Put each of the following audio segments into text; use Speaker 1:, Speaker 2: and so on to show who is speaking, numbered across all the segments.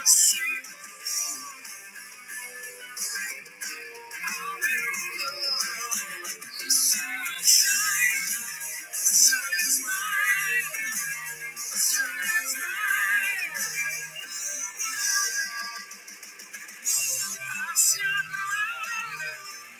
Speaker 1: Thank you. Thank you.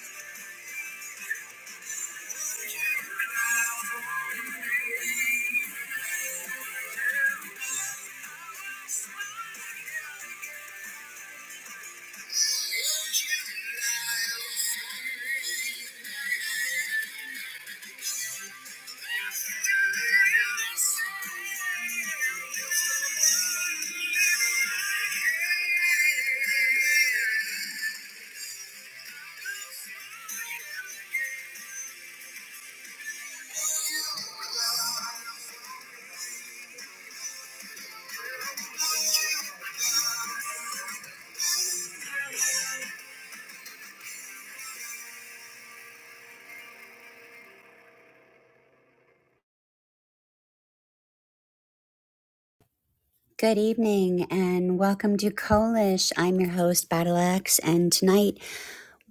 Speaker 1: Good evening and welcome to Kolish. I'm your host, Battle Axe, and tonight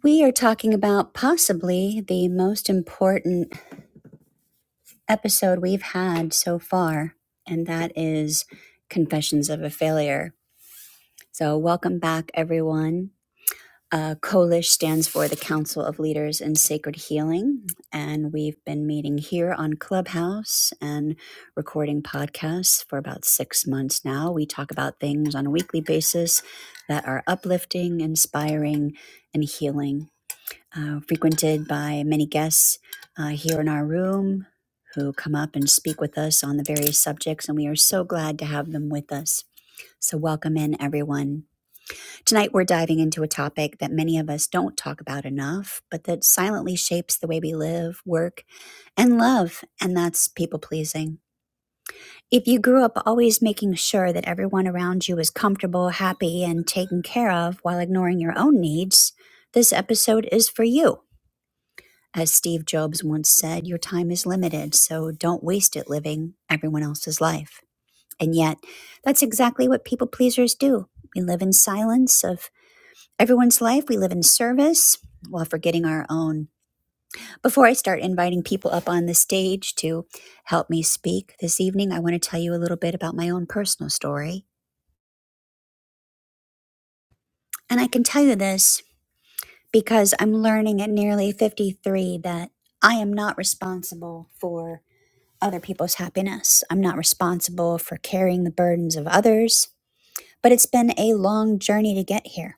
Speaker 1: We are talking about possibly the most important episode we've had so far, and that is Confessions of a Failure. So, welcome back, everyone. Uh, Kolish stands for the Council of Leaders in Sacred Healing, and we've been meeting here on Clubhouse and recording podcasts for about six months now. We talk about things on a weekly basis that are uplifting, inspiring, and healing uh, frequented by many guests uh, here in our room who come up and speak with us on the various subjects, and we are so glad to have them with us. So, welcome in everyone. Tonight, we're diving into a topic that many of us don't talk about enough, but that silently shapes the way we live, work, and love, and that's people pleasing. If you grew up always making sure that everyone around you is comfortable, happy, and taken care of while ignoring your own needs, this episode is for you. As Steve Jobs once said, your time is limited, so don't waste it living everyone else's life. And yet, that's exactly what people pleasers do. We live in silence of everyone's life, we live in service while forgetting our own. Before I start inviting people up on the stage to help me speak this evening, I want to tell you a little bit about my own personal story. And I can tell you this because I'm learning at nearly 53 that I am not responsible for other people's happiness. I'm not responsible for carrying the burdens of others, but it's been a long journey to get here.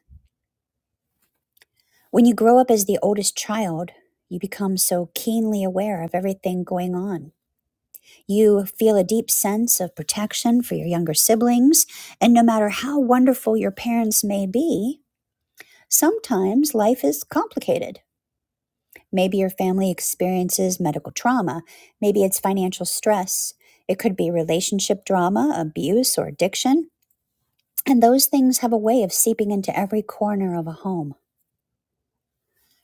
Speaker 1: When you grow up as the oldest child, you become so keenly aware of everything going on. You feel a deep sense of protection for your younger siblings, and no matter how wonderful your parents may be, sometimes life is complicated. Maybe your family experiences medical trauma, maybe it's financial stress, it could be relationship drama, abuse, or addiction. And those things have a way of seeping into every corner of a home.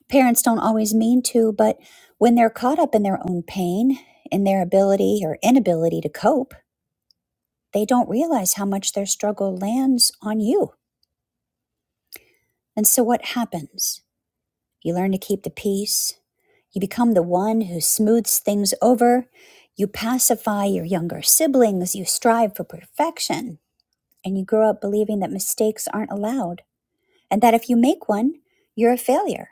Speaker 1: Parents don't always mean to, but when they're caught up in their own pain, in their ability or inability to cope, they don't realize how much their struggle lands on you. And so what happens? You learn to keep the peace. You become the one who smooths things over. You pacify your younger siblings. You strive for perfection. And you grow up believing that mistakes aren't allowed and that if you make one, you're a failure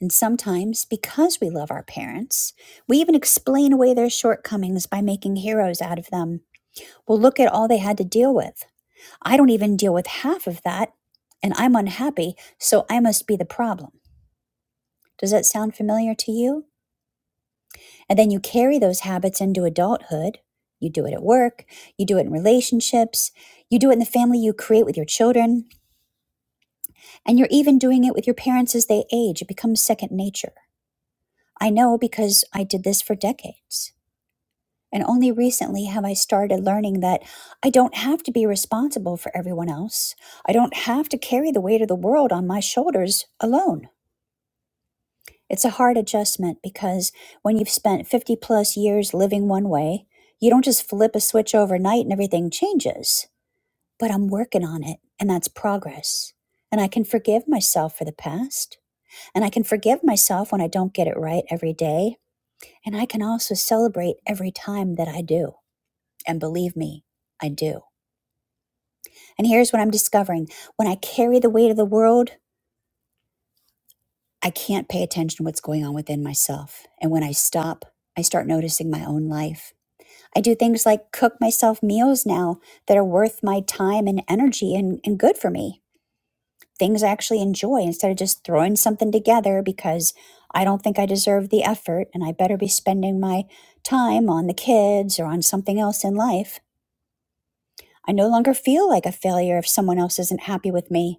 Speaker 1: And sometimes, because we love our parents, we even explain away their shortcomings by making heroes out of them. Well, look at all they had to deal with. I don't even deal with half of that, and I'm unhappy, so I must be the problem. Does that sound familiar to you? And then you carry those habits into adulthood. You do it at work, you do it in relationships, you do it in the family you create with your children, and you're even doing it with your parents as they age. It becomes second nature. I know because I did this for decades. And only recently have I started learning that I don't have to be responsible for everyone else. I don't have to carry the weight of the world on my shoulders alone. It's a hard adjustment because when you've spent 50 plus years living one way, you don't just flip a switch overnight and everything changes. But I'm working on it, and that's progress. And I can forgive myself for the past. And I can forgive myself when I don't get it right every day. And I can also celebrate every time that I do. And believe me, I do. And here's what I'm discovering when I carry the weight of the world, I can't pay attention to what's going on within myself. And when I stop, I start noticing my own life. I do things like cook myself meals now that are worth my time and energy and, and good for me. Things I actually enjoy instead of just throwing something together because I don't think I deserve the effort and I better be spending my time on the kids or on something else in life. I no longer feel like a failure if someone else isn't happy with me.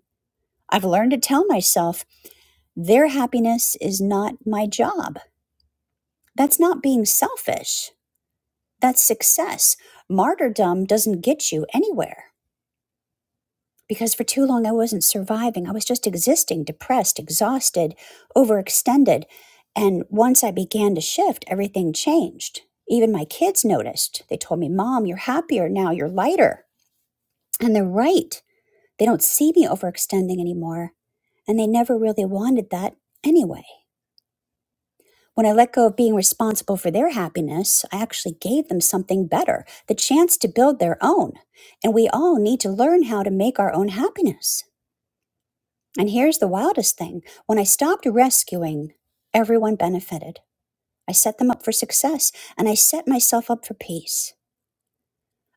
Speaker 1: I've learned to tell myself their happiness is not my job. That's not being selfish. That's success. Martyrdom doesn't get you anywhere because for too long I wasn't surviving. I was just existing, depressed, exhausted, overextended. And once I began to shift, everything changed. Even my kids noticed. They told me, Mom, you're happier now, you're lighter. And they're right. They don't see me overextending anymore. And they never really wanted that anyway. When I let go of being responsible for their happiness, I actually gave them something better, the chance to build their own. And we all need to learn how to make our own happiness. And here's the wildest thing when I stopped rescuing, everyone benefited. I set them up for success and I set myself up for peace.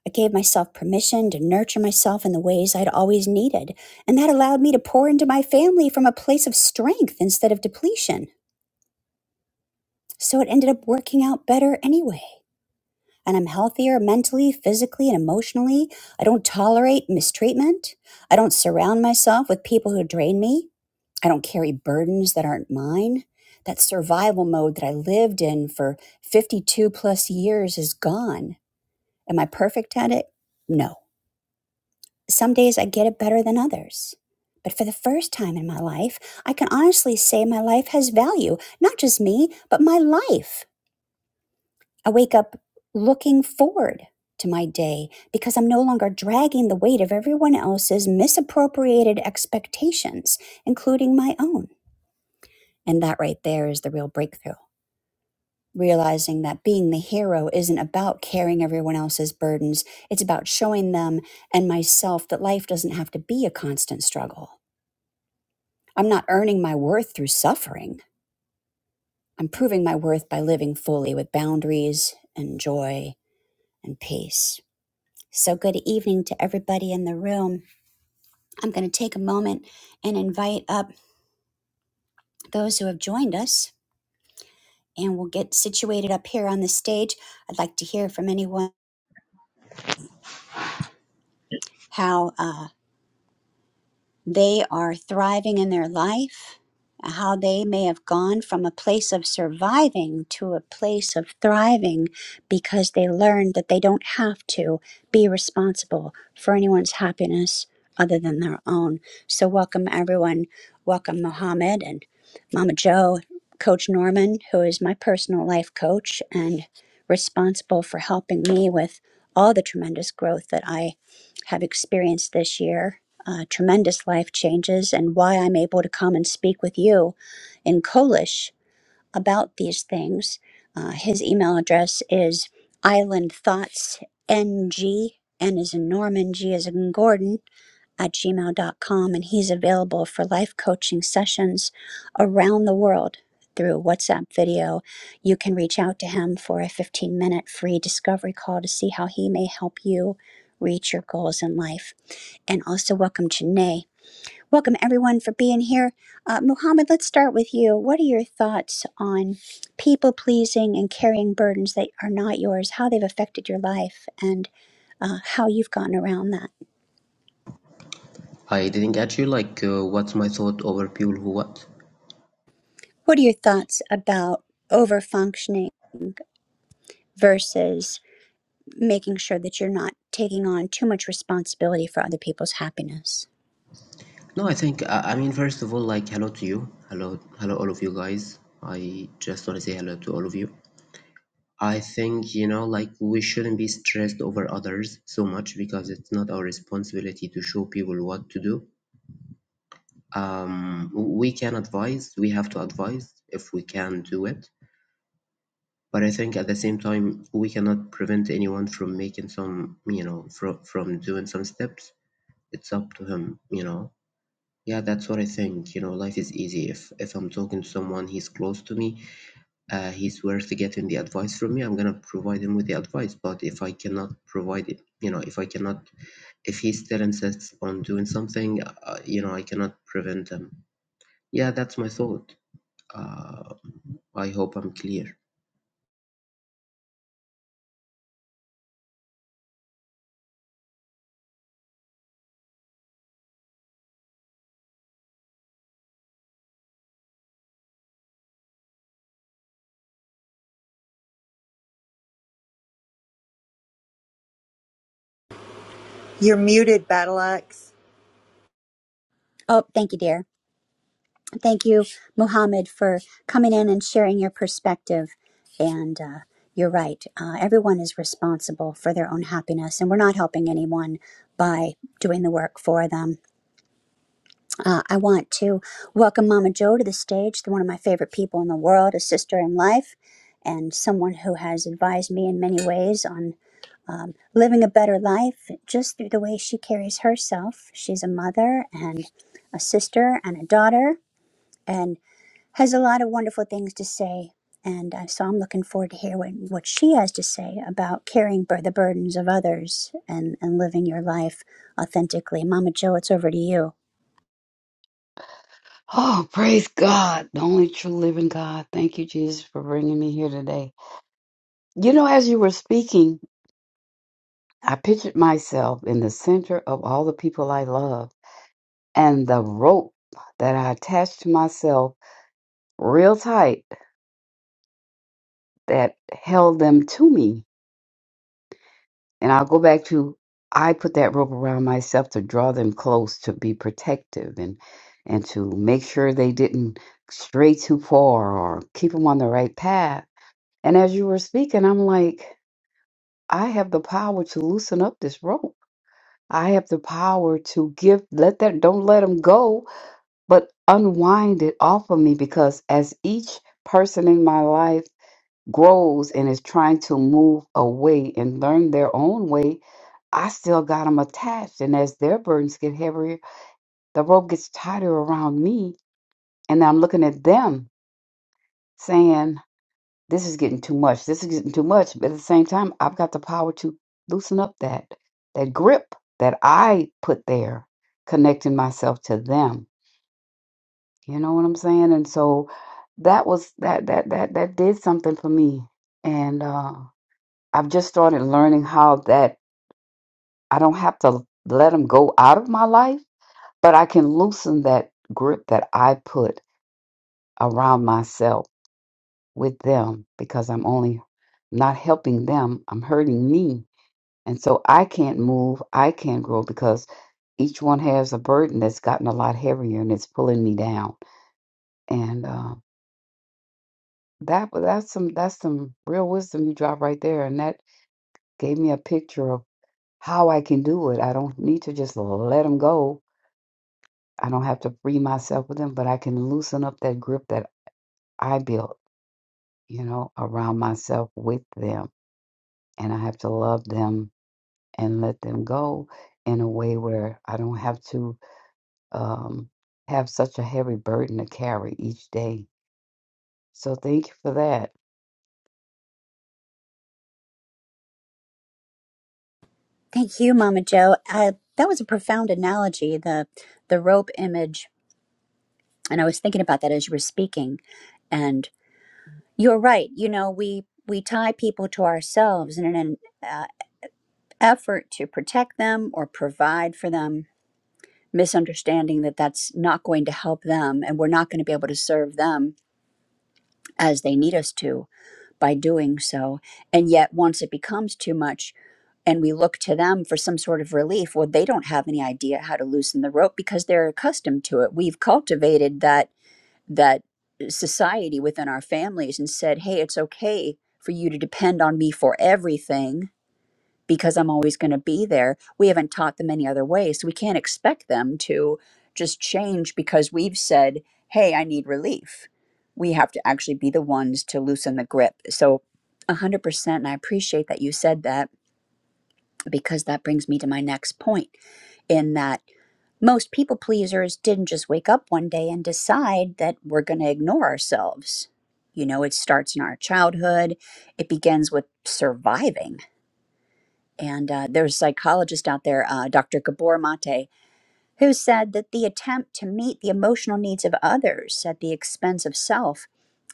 Speaker 1: I gave myself permission to nurture myself in the ways I'd always needed. And that allowed me to pour into my family from a place of strength instead of depletion. So it ended up working out better anyway. and I'm healthier mentally, physically, and emotionally. I don't tolerate mistreatment. I don't surround myself with people who drain me. I don't carry burdens that aren't mine. That survival mode that I lived in for 52 plus years is gone. Am I perfect at it? No. Some days I get it better than others. But for the first time in my life, I can honestly say my life has value, not just me, but my life. I wake up looking forward to my day because I'm no longer dragging the weight of everyone else's misappropriated expectations, including my own. And that right there is the real breakthrough. Realizing that being the hero isn't about carrying everyone else's burdens, it's about showing them and myself that life doesn't have to be a constant struggle. I'm not earning my worth through suffering. I'm proving my worth by living fully with boundaries and joy and peace. So, good evening to everybody in the room. I'm going to take a moment and invite up those who have joined us, and we'll get situated up here on the stage. I'd like to hear from anyone how. uh, They are thriving in their life, how they may have gone from a place of surviving to a place of thriving because they learned that they don't have to be responsible for anyone's happiness other than their own. So, welcome everyone. Welcome, Mohammed and Mama Joe, Coach Norman, who is my personal life coach and responsible for helping me with all the tremendous growth that I have experienced this year, uh, tremendous life changes, and why I'm able to come and speak with you in Polish about these things. Uh, his email address is islandthoughtsng, N is in Norman, G is in Gordon, at gmail dot com, and he's available for life coaching sessions around the world through WhatsApp video. You can reach out to him for a 15 minute free discovery call to see how he may help you reach your goals in life. And also, welcome Janae. Welcome everyone for being here. Uh, Muhammad, let's start with you. What are your thoughts on people pleasing and carrying burdens that are not yours, how they've affected your life, and uh, how you've gotten around that?
Speaker 2: I didn't get you. Like, uh, what's my thought over people who what?
Speaker 1: What are your thoughts about over functioning versus making sure that you're not taking on too much responsibility for other people's happiness?
Speaker 2: No, I think. I, I mean, first of all, like, hello to you. Hello, hello, all of you guys. I just want to say hello to all of you. I think you know, like, we shouldn't be stressed over others so much because it's not our responsibility to show people what to do. Um, we can advise. We have to advise if we can do it. But I think at the same time, we cannot prevent anyone from making some, you know, from from doing some steps it's up to him you know Yeah, that's what I think. You know, life is easy. If if I'm talking to someone, he's close to me, uh, he's worth getting the advice from me, I'm gonna provide him with the advice. But if I cannot provide it, you know, if I cannot, if he still insists on doing something, uh, you know, I cannot prevent him. Yeah, that's my thought. Uh, I hope I'm clear.
Speaker 3: You're muted, Battle Axe.
Speaker 1: Oh, thank you, dear. Thank you, Muhammad, for coming in and sharing your perspective. And uh, you're right, uh, everyone is responsible for their own happiness, and we're not helping anyone by doing the work for them Uh, I want to welcome Mama Joe to the stage, one of my favorite people in the world, a sister in life, and someone who has advised me in many ways on um, living a better life just through the way she carries herself. She's a mother and a sister and a daughter, and has a lot of wonderful things to say. And uh, so I'm looking forward to hear what, what she has to say about carrying bur- the burdens of others and, and living your life authentically. Mama Joe, it's over to you.
Speaker 4: Oh, praise God, the only true living God. Thank you, Jesus, for bringing me here today. You know, as you were speaking, I pictured myself in the center of all the people I love and the rope that I attached to myself real tight that held them to me. And I'll go back to I put that rope around myself to draw them close, to be protective and and to make sure they didn't stray too far or keep them on the right path And as you were speaking, I'm like, I have the power to loosen up this rope. I have the power to give, let that, don't let them go, but unwind it off of me because as each person in my life grows and is trying to move away and learn their own way, I still got them attached. And as their burdens get heavier, the rope gets tighter around me. And I'm looking at them saying, this is getting too much. This is getting too much. But at the same time, I've got the power to loosen up that that grip that I put there, connecting myself to them. You know what I'm saying? And so that was that that that that did something for me. And uh, I've just started learning how that I don't have to let them go out of my life, but I can loosen that grip that I put around myself with them because I'm only not helping them. I'm hurting me And so I can't move, I can't grow because each one has a burden that's gotten a lot heavier and it's pulling me down. And uh, that that's some that's some real wisdom you drop right there. And that gave me a picture of how I can do it. I don't need to just let them go. I don't have to free myself with them, but I can loosen up that grip that I built, you know, around myself with them. And I have to love them and let them go in a way where I don't have to um, have such a heavy burden to carry each day. So thank you for that.
Speaker 1: Thank you, Mama Joe. Uh, that was a profound analogy, the the rope image, and I was thinking about that as you were speaking. And you're right. You know, we we tie people to ourselves in an uh, effort to protect them or provide for them, misunderstanding that that's not going to help them, and we're not going to be able to serve them as they need us to by doing so. And yet, once it becomes too much, and we look to them for some sort of relief. Well, they don't have any idea how to loosen the rope because they're accustomed to it. We've cultivated that that uh, society within our families and said, "Hey, it's okay for you to depend on me for everything because I'm always going to be there." We haven't taught them any other way, so we can't expect them to just change because we've said, "Hey, I need relief." We have to actually be the ones to loosen the grip. So, 100% and I appreciate that you said that because that brings me to my next point in that most people pleasers didn't just wake up one day and decide that we're going to ignore ourselves. You know, it starts in our childhood, it begins with surviving. And uh, there's a psychologist out there, uh, Dr. Gabor Mate, who said that the attempt to meet the emotional needs of others at the expense of self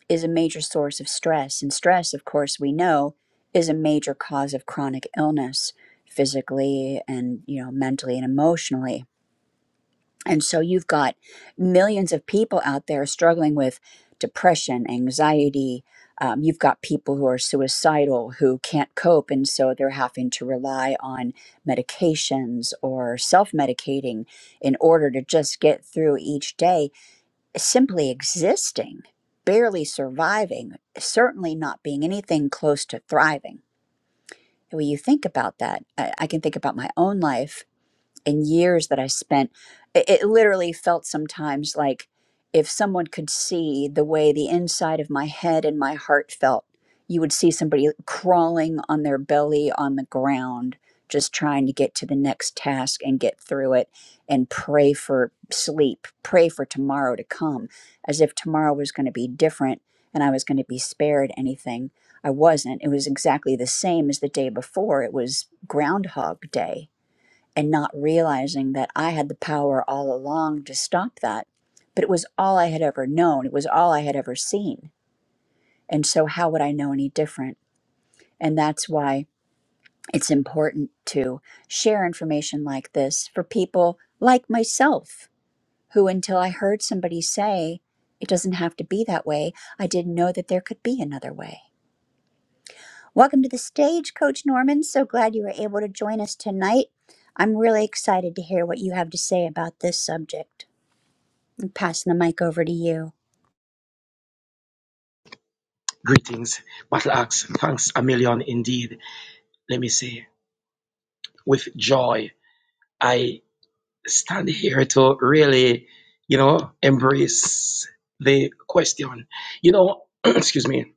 Speaker 1: is a major source of stress. And stress, of course, we know is a major cause of chronic illness physically and, you know, mentally and emotionally. And so you've got millions of people out there struggling with depression, anxiety. Um, you've got people who are suicidal who can't cope. And so they're having to rely on medications or self medicating in order to just get through each day simply existing, barely surviving, certainly not being anything close to thriving. when you think about that, I, I can think about my own life and years that I spent, it, it literally felt sometimes like if someone could see the way the inside of my head and my heart felt, you would see somebody crawling on their belly on the ground, just trying to get to the next task and get through it and pray for sleep, pray for tomorrow to come, as if tomorrow was going to be different and I was going to be spared anything. I wasn't. It was exactly the same as the day before. It was Groundhog Day and not realizing that I had the power all along to stop that. But it was all I had ever known, it was all I had ever seen. And so, how would I know any different? And that's why it's important to share information like this for people like myself, who until I heard somebody say, it doesn't have to be that way, I didn't know that there could be another way. Welcome to the stage, Coach Norman. So glad you were able to join us tonight. I'm really excited to hear what you have to say about this subject. I'm passing the mic over to you.
Speaker 5: Greetings, battle axe. Thanks a million indeed. Let me say, with joy, I stand here to really, you know, embrace the question. You know, excuse me,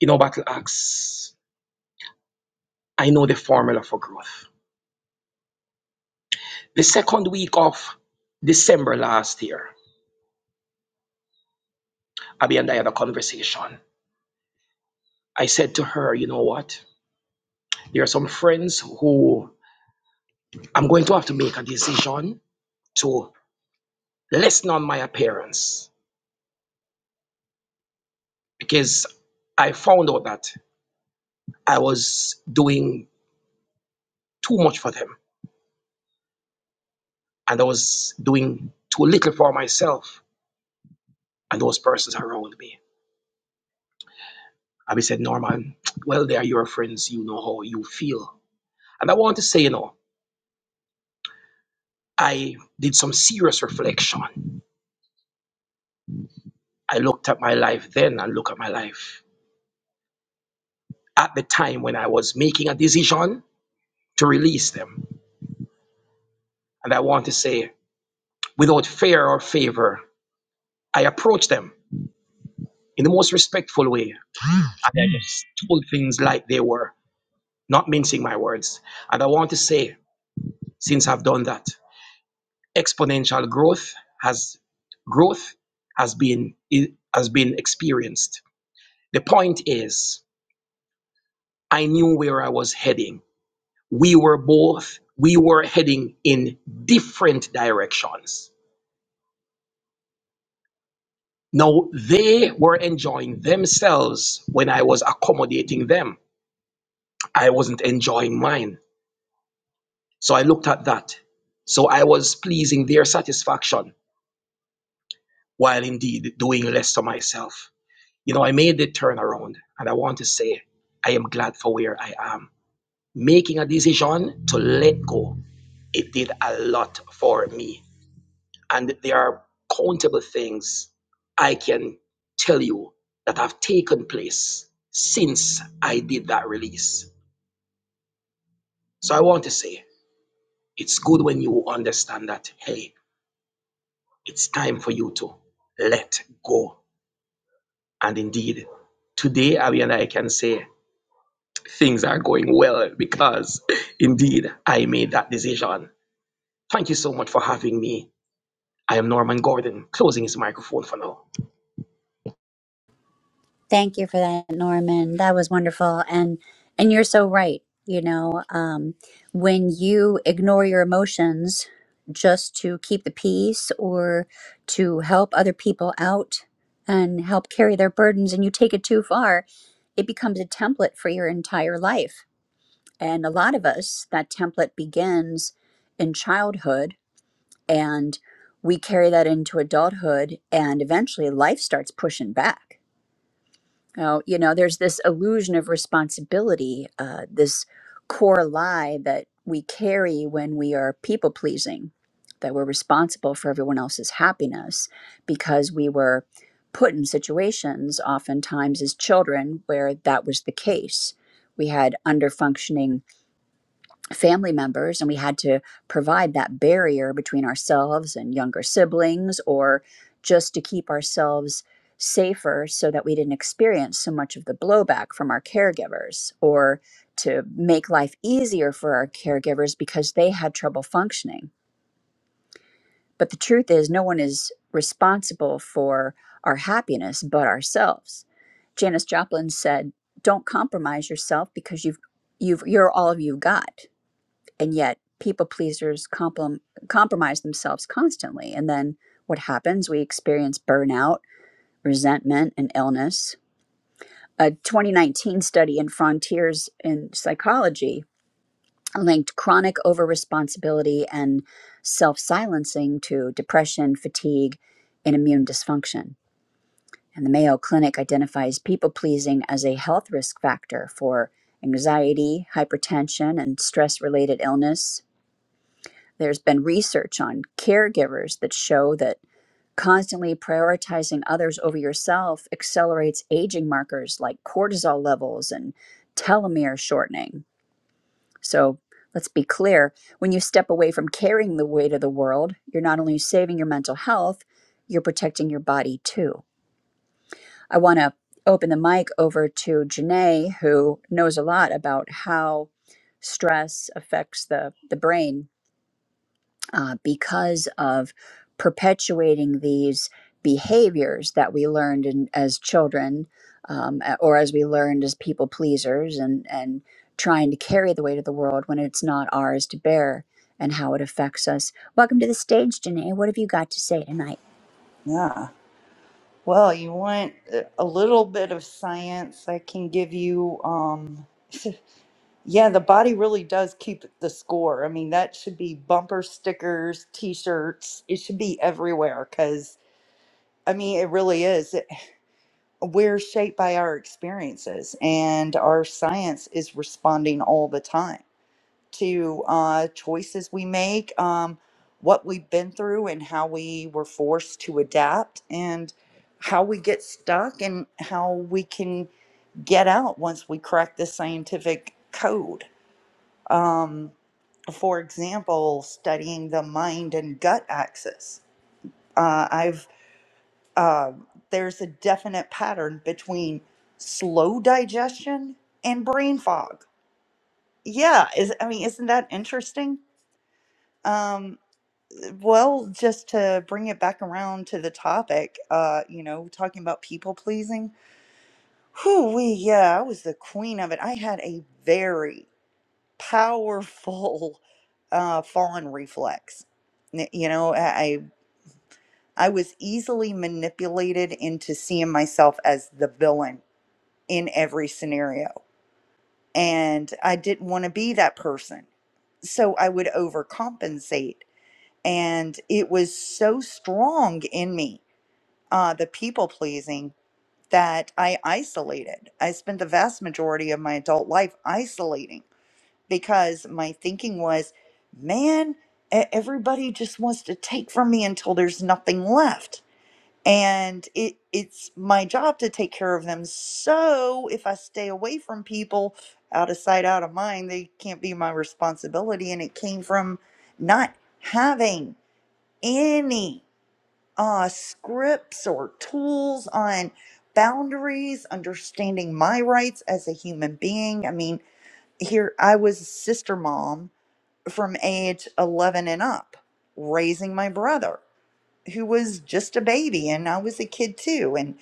Speaker 5: you know, battle axe, I know the formula for growth. The second week of December last year, Abby and I had a conversation. I said to her, you know what? There are some friends who I'm going to have to make a decision to lessen on my appearance because I found out that I was doing too much for them and I was doing too little for myself and those persons around me. And we said, Norman, well, they are your friends. You know how you feel. And I want to say, you know, I did some serious reflection. I looked at my life then and look at my life at the time when I was making a decision to release them. And I want to say, without fear or favor, I approached them in the most respectful way And I just told things like they were, not mincing my words. And I want to say, since I've done that, exponential growth has growth has been has been experienced. The point is, I knew where I was heading. We were both we were heading in different directions. Now they were enjoying themselves when I was accommodating them. I wasn't enjoying mine. So I looked at that. So I was pleasing their satisfaction while indeed doing less to myself. You know, I made the turnaround and I want to say I am glad for where I am. Making a decision to let go, it did a lot for me. And there are countable things I can tell you that have taken place since I did that release. So I want to say it's good when you understand that, hey, It's time for you to let go. And indeed, today, Abby and I can say things are going well because indeed I made that decision. Thank you so much for having me. I am Norman Gordon, closing his microphone for now.
Speaker 1: Thank you for that, Norman. That was wonderful. And and you're so right. You know, um, when you ignore your emotions just to keep the peace or to help other people out and help carry their burdens, and you take it too far, it becomes a template for your entire life. And a lot of us, that template begins in childhood and we carry that into adulthood and eventually life starts pushing back now you know there's this illusion of responsibility uh, this core lie that we carry when we are people pleasing that we're responsible for everyone else's happiness because we were put in situations oftentimes as children where that was the case we had underfunctioning family members and we had to provide that barrier between ourselves and younger siblings or just to keep ourselves safer so that we didn't experience so much of the blowback from our caregivers or to make life easier for our caregivers because they had trouble functioning but the truth is no one is responsible for our happiness but ourselves Janis joplin said don't compromise yourself because you've you've you're all you've got and yet people pleasers comprom- compromise themselves constantly and then what happens we experience burnout resentment and illness a 2019 study in frontiers in psychology linked chronic over responsibility and self-silencing to depression fatigue and immune dysfunction and the mayo clinic identifies people pleasing as a health risk factor for anxiety hypertension and stress related illness There's been research on caregivers that show that constantly prioritizing others over yourself accelerates aging markers like cortisol levels and telomere shortening. So let's be clear when you step away from carrying the weight of the world, you're not only saving your mental health, you're protecting your body too. I want to open the mic over to Janae, who knows a lot about how stress affects the, the brain uh, because of perpetuating these behaviors that we learned in, as children um, or as we learned as people pleasers and, and trying to carry the weight of the world when it's not ours to bear and how it affects us. Welcome to the stage, Janae. What have you got to say tonight?
Speaker 3: Yeah. Well, you want a a little bit of science. I can give you, um, yeah, the body really does keep the score. I mean, that should be bumper stickers, t shirts. It should be everywhere because, I mean, it really is. It, we're shaped by our experiences, and our science is responding all the time. to uh, choices we make, um, what we've been through, and how we were forced to adapt, and how we get stuck, and how we can get out once we crack the scientific code. Um, for example, studying the mind and gut axis. Uh, I've uh, there's a definite pattern between slow digestion and brain fog. Yeah, is I mean, isn't that interesting? Um, Well, just to bring it back around to the topic, uh, you know, talking about people pleasing. Whew, we yeah, I was the queen of it. I had a very powerful uh, fawn reflex. N- You know, I I was easily manipulated into seeing myself as the villain in every scenario, and I didn't want to be that person. So I would overcompensate, and it was so strong in me uh, the people pleasing that I isolated. I spent the vast majority of my adult life isolating because my thinking was, man, e- everybody just wants to take from me until there's nothing left. And it, it's my job to take care of them. So if I stay away from people out of sight, out of mind, they can't be my responsibility. And it came from not having any uh, scripts or tools on boundaries, understanding my rights as a human being. I mean, here I was a sister mom from age 11 and up, raising my brother who was just a baby and I was a kid too and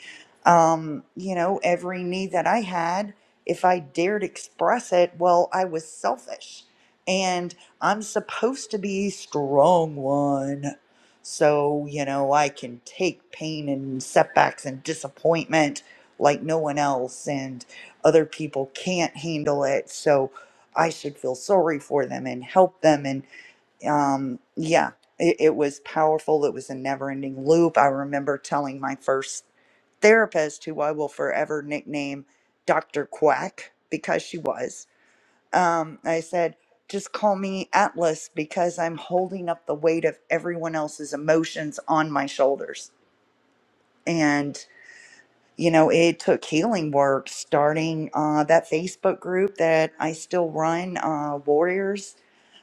Speaker 3: um you know every need that I had if I dared express it well I was selfish and I'm supposed to be strong one so you know I can take pain and setbacks and disappointment like no one else and other people can't handle it so I should feel sorry for them and help them and um yeah it, it was powerful it was a never ending loop i remember telling my first therapist who i will forever nickname dr quack because she was um i said just call me atlas because i'm holding up the weight of everyone else's emotions on my shoulders and you know it took healing work starting uh, that facebook group that i still run uh, warriors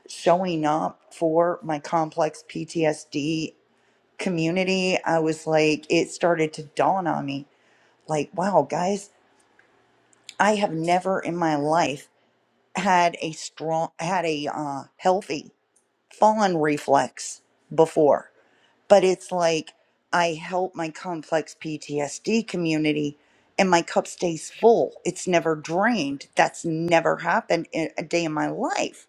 Speaker 3: showing up for my complex PTSD community, I was like, it started to dawn on me like, wow, guys, I have never in my life had a strong, had a uh, healthy fawn reflex before. But it's like, I help my complex PTSD community and my cup stays full. It's never drained. That's never happened in a day in my life.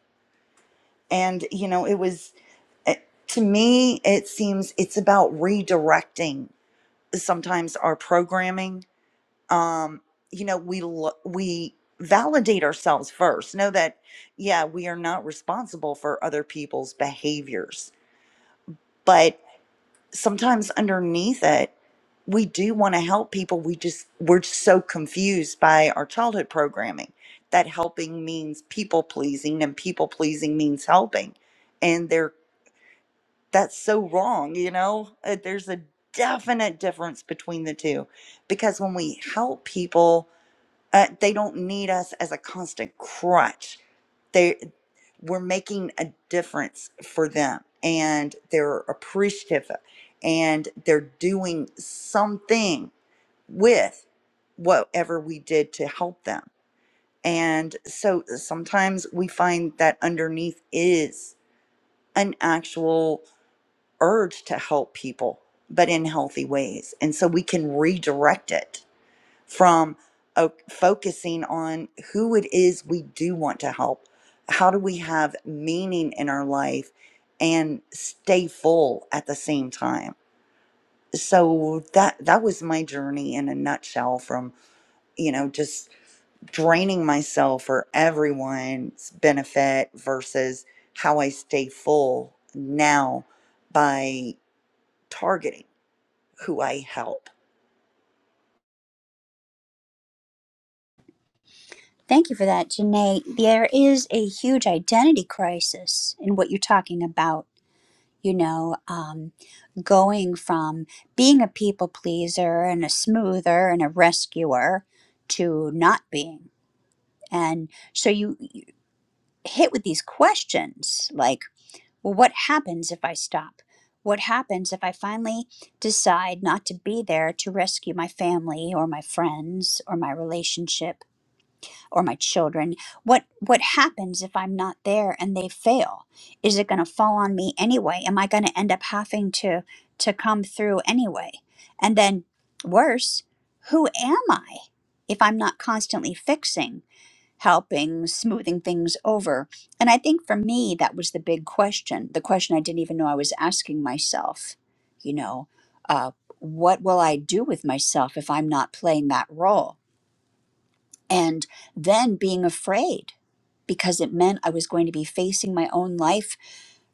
Speaker 3: And, you know, it was it- to me it seems it's about redirecting sometimes our programming um you know we lo- we validate ourselves first know that yeah we are not responsible for other people's behaviors but sometimes underneath it we do want to help people we just we're just so confused by our childhood programming that helping means people pleasing and people pleasing means helping and they're that's so wrong, you know? Uh, There's a definite difference between the two because when we help people, uh, they don't need us as a constant crutch. They we're making a difference for them and they're appreciative and they're doing something with whatever we did to help them. And so sometimes we find that underneath is an actual urge to help people, but in healthy ways. And so we can redirect it from uh, focusing on who it is we do want to help. How do we have meaning in our life and stay full at the same time? So that that was my journey in a nutshell from, you know, just draining myself for everyone's benefit versus how I stay full now by targeting who I help.
Speaker 1: Thank you for that, Janae. There is a huge identity crisis in what you're talking about you know um, going from being a people pleaser and a smoother and a rescuer to not being and so you, you hit with these questions like well what happens if i stop what happens if i finally decide not to be there to rescue my family or my friends or my relationship?" or my children what what happens if i'm not there and they fail is it going to fall on me anyway am i going to end up having to to come through anyway and then worse who am i if i'm not constantly fixing helping smoothing things over and i think for me that was the big question the question i didn't even know i was asking myself you know uh, what will i do with myself if i'm not playing that role and then being afraid because it meant I was going to be facing my own life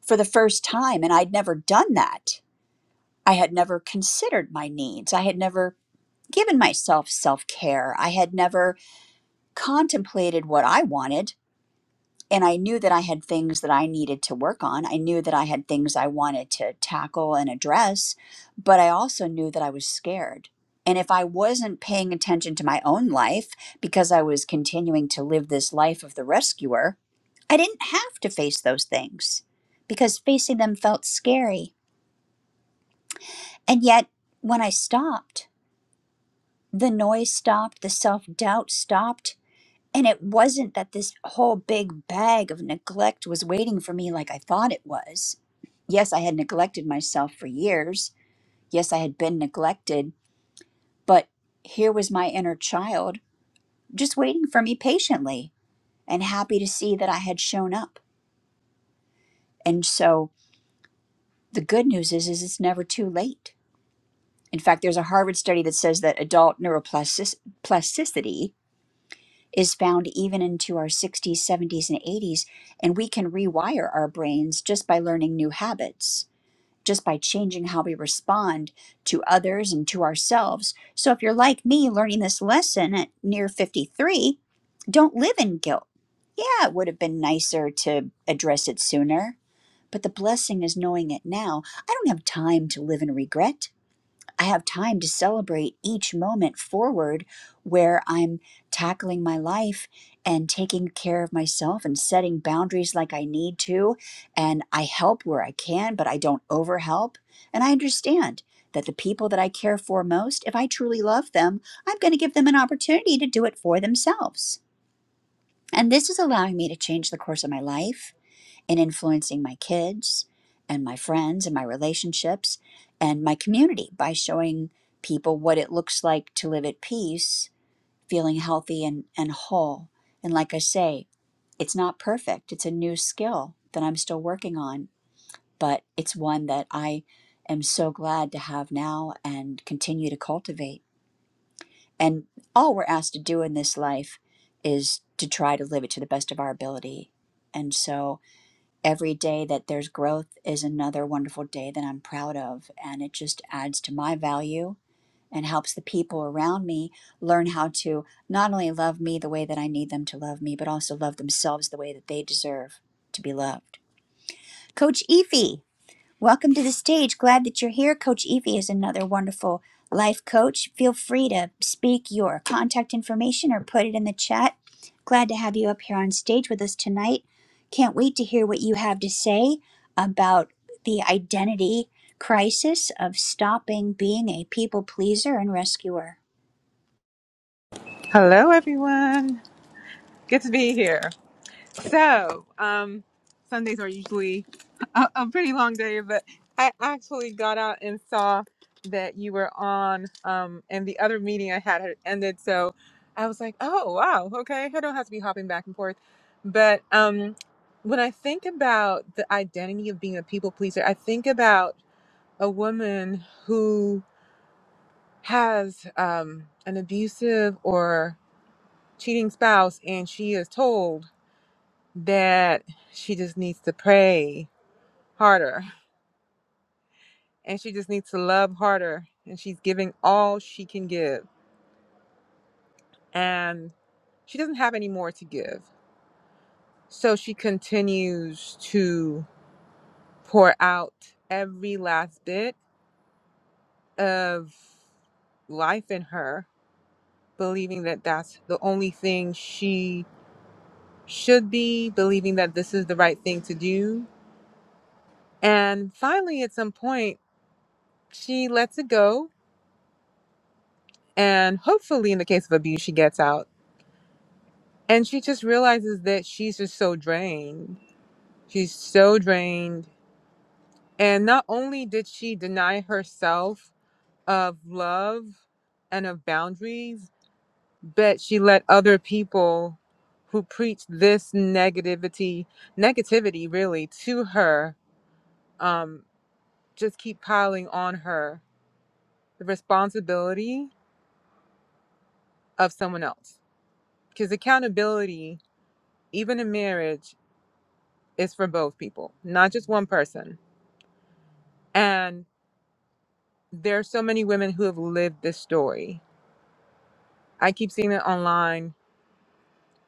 Speaker 1: for the first time. And I'd never done that. I had never considered my needs. I had never given myself self care. I had never contemplated what I wanted and I knew that I had things that I needed to work on. I knew that I had things I wanted to tackle and address, but I also knew that I was scared. And if I wasn't paying attention to my own life because I was continuing to live this life of the rescuer, I didn't have to face those things because facing them felt scary. And yet, when I stopped, the noise stopped, the self doubt stopped, And it wasn't that this whole big bag of neglect was waiting for me like I thought it was. Yes, I had neglected myself for years. Yes, I had been neglected, but here was my inner child just waiting for me patiently and happy to see that I had shown up. And so the good news is is it's never too late. In fact, there's a Harvard study that says that adult neuroplasticity is found even into our 60s, 70s, and 80s. And we can rewire our brains just by learning new habits, just by changing how we respond to others and to ourselves. So if you're like me learning this lesson at near 53, don't live in guilt. Yeah, it would have been nicer to address it sooner. But the blessing is knowing it now. I don't have time to live in regret. I have time to celebrate each moment forward where I'm tackling my life and taking care of myself and setting boundaries like I need to. And I help where I can, but I don't overhelp. And I understand that the people that I care for most, if I truly love them, I'm going to give them an opportunity to do it for themselves. And this is allowing me to change the course of my life in influencing my kids and my friends and my relationships and my community by showing people what it looks like to live at peace, feeling healthy and, and whole. And like I say, it's not perfect. It's a new skill that I'm still working on, but it's one that I am so glad to have now and continue to cultivate. And all we're asked to do in this life is to try to live it to the best of our ability. And so every day that there's growth is another wonderful day that I'm proud of. And it just adds to my value and helps the people around me learn how to not only love me the way that I need them to love me, but also love themselves the way that they deserve to be loved. Coach Efi, Welcome to the stage. Glad that you're here. Coach Evie is another wonderful life coach. Feel free to speak your contact information or put it in the chat. Glad to have you up here on stage with us tonight. Can't wait to hear what you have to say about the identity crisis of stopping being a people pleaser and rescuer.
Speaker 6: Hello, everyone. Good to be here. So, um, Sundays are usually a, a pretty long day, but I actually got out and saw that you were on, um, and the other meeting I had had ended. So I was like, oh, wow, okay. I don't have to be hopping back and forth. But um, when I think about the identity of being a people pleaser, I think about a woman who has um, an abusive or cheating spouse and she is told that she just needs to pray harder and she just needs to love harder and she's giving all she can give and she doesn't have any more to give so she continues to pour out every last bit of life in her believing that that's the only thing she should be believing that this is the right thing to do and finally at some point She lets it go. And hopefully, in the case of abuse, she gets out. And she just realizes that she's just so drained. She's so drained. And not only did she deny herself of love and of boundaries, but she let other people who preach this negativity, negativity really, to her, um, just keep piling on her the responsibility of someone else. Because accountability even in marriage, it's for both people, not just one person. And there are so many women who have lived this story. I keep seeing it online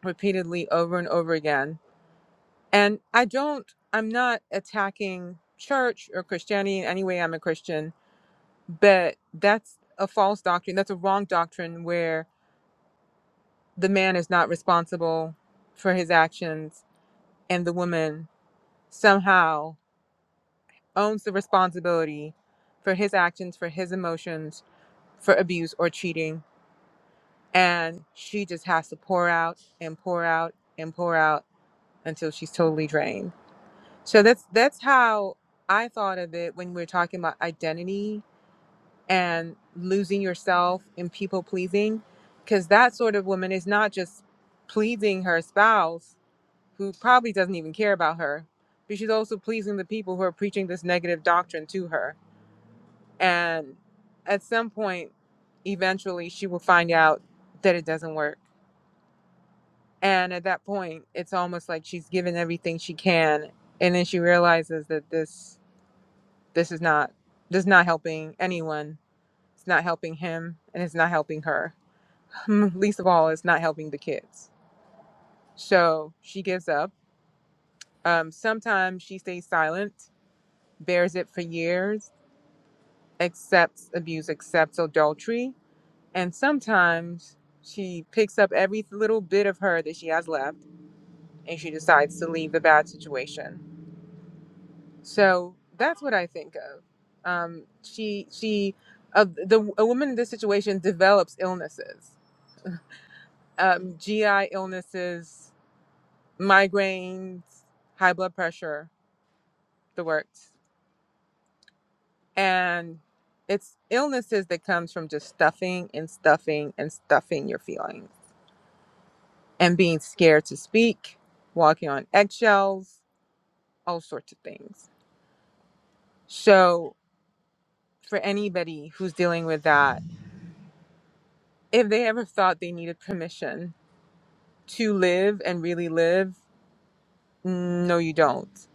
Speaker 6: repeatedly over and over again. And I don't, I'm not attacking church or Christianity in any way. I'm a Christian, but that's a false doctrine. That's a wrong doctrine where the man is not responsible for his actions and the woman somehow owns the responsibility for his actions, for his emotions, for abuse or cheating. And she just has to pour out and pour out and pour out until she's totally drained. So that's that's how I thought of it when we are talking about identity and losing yourself in people pleasing. Cause that sort of woman is not just pleasing her spouse, who probably doesn't even care about her, but she's also pleasing the people who are preaching this negative doctrine to her And at some point, eventually, she will find out that it doesn't work. And at that point, it's almost like she's given everything she can, and then she realizes that this this is not this is not helping anyone. It's not helping him, and it's not helping her. Least of all, it's not helping the kids. So she gives up. Um, sometimes she stays silent, bears it for years, accepts abuse, accepts adultery, And sometimes she picks up every little bit of her that she has left and she decides to leave the bad situation. So that's what I think of. Um, she, she, uh, the, a woman in this situation develops illnesses, um, GI illnesses, migraines, high blood pressure, the works. And it's illnesses that comes from just stuffing and stuffing and stuffing your feelings and being scared to speak, walking on eggshells, all sorts of things. So, for anybody who's dealing with that, if they ever thought they needed permission to live and really live, no, you don't.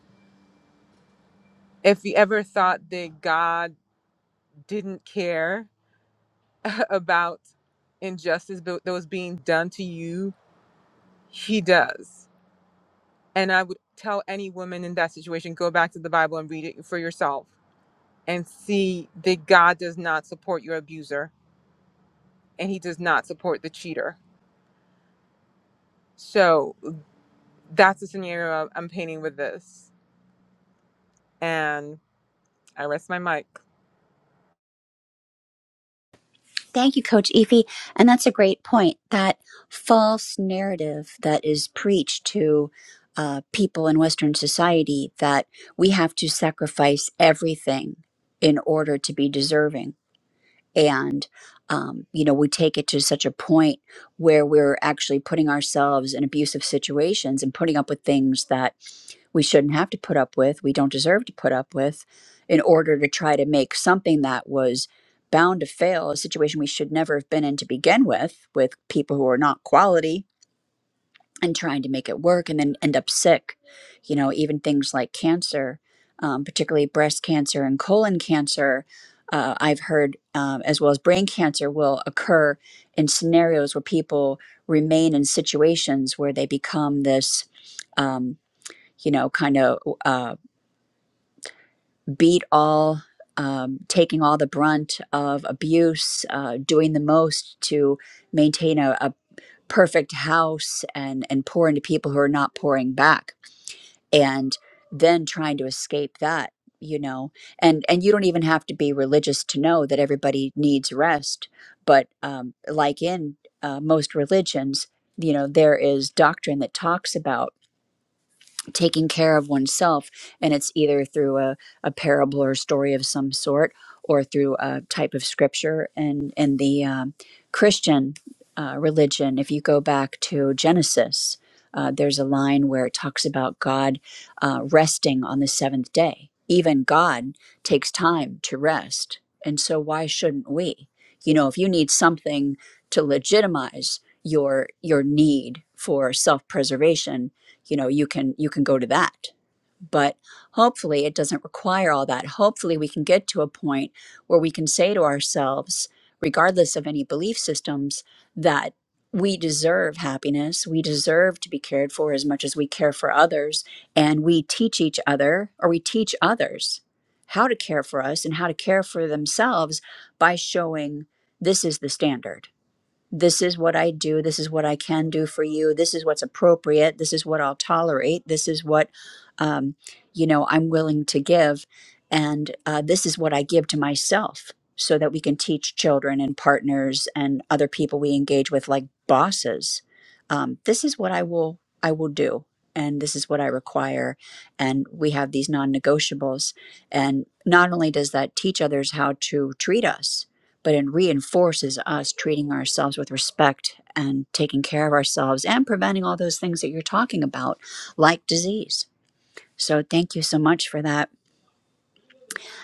Speaker 6: If you ever thought that God didn't care about injustice that that was being done to you, He does. And I would tell any woman in that situation go back to the Bible and read it for yourself and see that God does not support your abuser and he does not support the cheater. So that's the scenario I'm painting with this. And I rest my mic.
Speaker 1: Thank you, Coach Efi. And that's a great point. That false narrative that is preached to uh, people in Western society that we have to sacrifice everything in order to be deserving and um, you know we take it to such a point where we're actually putting ourselves in abusive situations and putting up with things that we shouldn't have to put up with we don't deserve to put up with in order to try to make something that was bound to fail a situation we should never have been in to begin with with people who are not quality and trying to make it work and then end up sick. You know, even things like cancer, um, particularly breast cancer and colon cancer, uh, I've heard, um, as well as brain cancer, will occur in scenarios where people remain in situations where they become this, um, you know, kind of uh, beat all. Um, taking all the brunt of abuse, uh, doing the most to maintain a, a perfect house and, and pour into people who are not pouring back and then trying to escape that you know and and you don't even have to be religious to know that everybody needs rest but um like in uh, most religions you know there is doctrine that talks about taking care of oneself and it's either through a, a parable or story of some sort or through a type of scripture and in the um, christian uh, religion if you go back to genesis uh, there's a line where it talks about god uh, resting on the seventh day even god takes time to rest and so why shouldn't we you know if you need something to legitimize your your need for self-preservation you know you can you can go to that but hopefully it doesn't require all that hopefully we can get to a point where we can say to ourselves regardless of any belief systems that we deserve happiness we deserve to be cared for as much as we care for others and we teach each other or we teach others how to care for us and how to care for themselves by showing this is the standard this is what I do. This is what I can do for you. This is what's appropriate. This is what I'll tolerate. This is what, um, you know, I'm willing to give. And uh, this is what I give to myself so that we can teach children and partners and other people we engage with, like bosses. Um, this is what I will, I will do. And this is what I require. And we have these non negotiables. And not only does that teach others how to treat us, but it reinforces us treating ourselves with respect and taking care of ourselves and preventing all those things that you're talking about, like disease. So, thank you so much for that.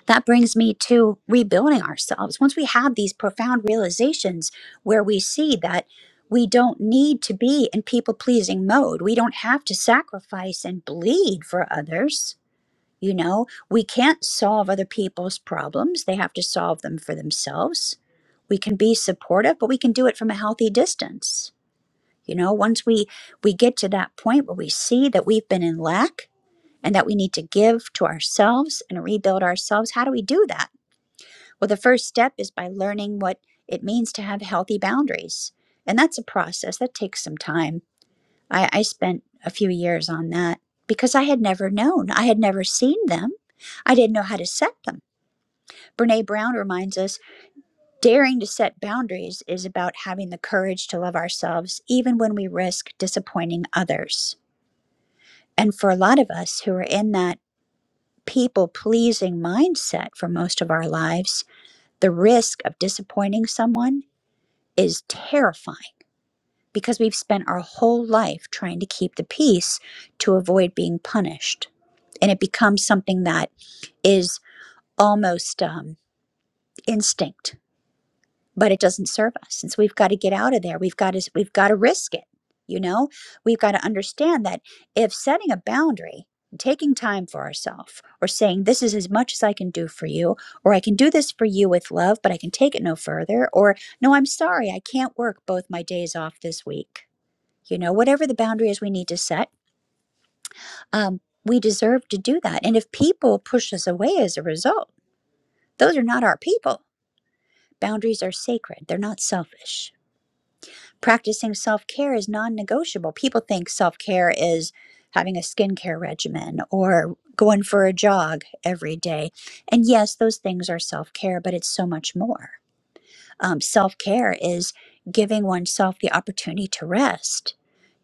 Speaker 1: That brings me to rebuilding ourselves. Once we have these profound realizations where we see that we don't need to be in people pleasing mode, we don't have to sacrifice and bleed for others you know, we can't solve other people's problems, they have to solve them for themselves. We can be supportive, but we can do it from a healthy distance. You know, once we we get to that point where we see that we've been in lack and that we need to give to ourselves and rebuild ourselves, how do we do that? Well, the first step is by learning what it means to have healthy boundaries. And that's a process that takes some time I, I spent a few years on that because I had never known. I had never seen them. I didn't know how to set them. Brene Brown reminds us daring to set boundaries is about having the courage to love ourselves, even when we risk disappointing others. And for a lot of us who are in that people pleasing mindset for most of our lives, the risk of disappointing someone is terrifying because we've spent our whole life trying to keep the peace to avoid being punished. and it becomes something that is almost um, instinct but it doesn't serve us and so we've got to get out of there we've got to we've got to risk it you know we've got to understand that if setting a boundary taking time for ourselves or saying this is as much as i can do for you or i can do this for you with love but i can take it no further or no i'm sorry i can't work both my days off this week you know whatever the boundary is we need to set um, we deserve to do that and if people push us away as a result Those are not our people. Boundaries are sacred, they're not selfish. Practicing self care is non negotiable. People think self care is having a skincare regimen or going for a jog every day. And yes, those things are self care, but it's so much more um, self-care is giving oneself the opportunity to rest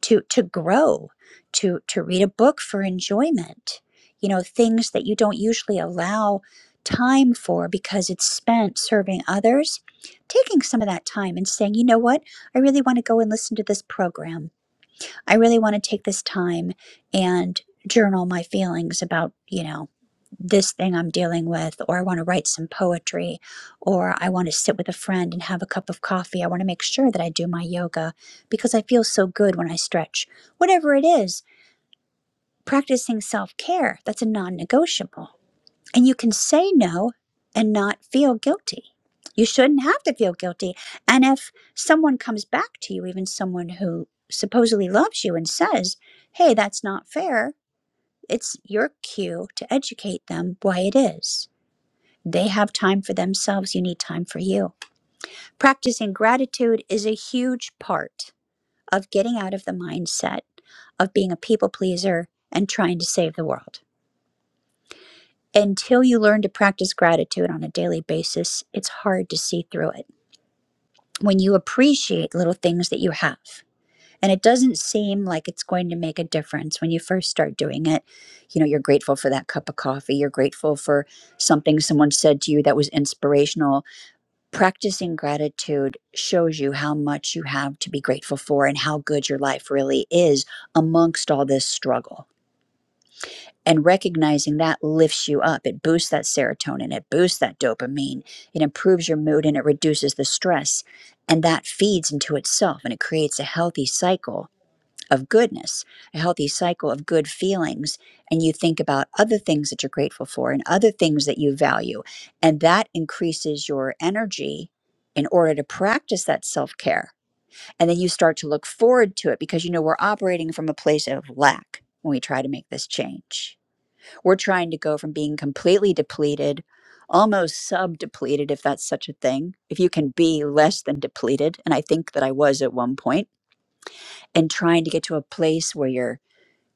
Speaker 1: to to grow to to read a book for enjoyment you know things that you don't usually allow time for because it's spent serving others taking some of that time and saying you know what i really want to go and listen to this program I really want to take this time and journal my feelings about, you know, this thing I'm dealing with, or I want to write some poetry, or I want to sit with a friend and have a cup of coffee. I want to make sure that I do my yoga because I feel so good when I stretch. Whatever it is, practicing self care, that's a non negotiable. And you can say no and not feel guilty. You shouldn't have to feel guilty. And if someone comes back to you, even someone who supposedly loves you and says, hey, that's not fair, it's your cue to educate them why it is. They have time for themselves. You need time for you. Practicing gratitude is a huge part of getting out of the mindset of being a people pleaser and trying to save the world. until you learn to practice gratitude on a daily basis, it's hard to see through it. When you appreciate little things that you have, and it doesn't seem like it's going to make a difference when you first start doing it. You know, you're grateful for that cup of coffee, you're grateful for something someone said to you that was inspirational. Practicing gratitude shows you how much you have to be grateful for and how good your life really is amongst all this struggle and recognizing that lifts you up it boosts that serotonin it boosts that dopamine it improves your mood and it reduces the stress and that feeds into itself and it creates a healthy cycle of goodness a healthy cycle of good feelings and you think about other things that you're grateful for and other things that you value and that increases your energy in order to practice that self-care and then you start to look forward to it because you know we're operating from a place of lack when we try to make this change we're trying to go from being completely depleted, almost sub depleted, if that's such a thing, if you can be less than depleted. And I think that I was at one point, and trying to get to a place where you're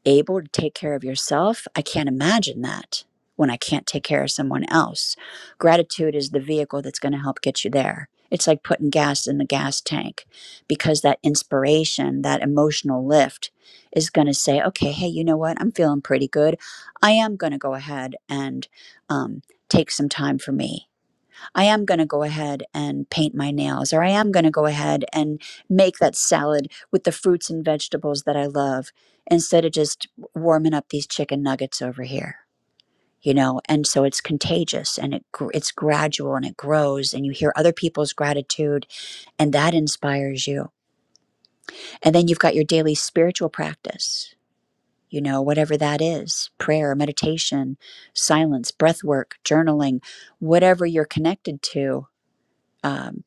Speaker 1: able to take care of yourself, I can't imagine that when I can't take care of someone else. Gratitude is the vehicle that's going to help get you there. It's like putting gas in the gas tank because that inspiration, that emotional lift is going to say, okay, hey, you know what? I'm feeling pretty good. I am going to go ahead and um, take some time for me. I am going to go ahead and paint my nails, or I am going to go ahead and make that salad with the fruits and vegetables that I love instead of just warming up these chicken nuggets over here. You know, and so it's contagious and it gr- it's gradual and it grows and you hear other people's gratitude and that inspires you. And then you've got your daily spiritual practice, you know, whatever that is, prayer, meditation, silence, breath work, journaling, whatever you're connected to. Um,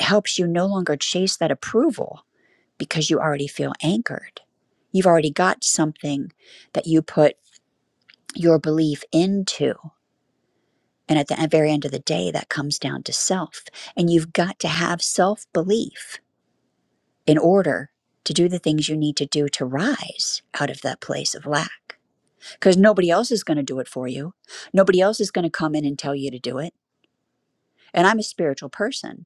Speaker 1: helps you no longer chase that approval because you already feel anchored. You've already got something that you put your belief into. And at the e, very end of the day, that comes down to self. And you've got to have self belief in order to do the things you need to do to rise out of that place of lack. Because nobody else is going to do it for you. Nobody else is going to come in and tell you to do it. And I'm a spiritual person.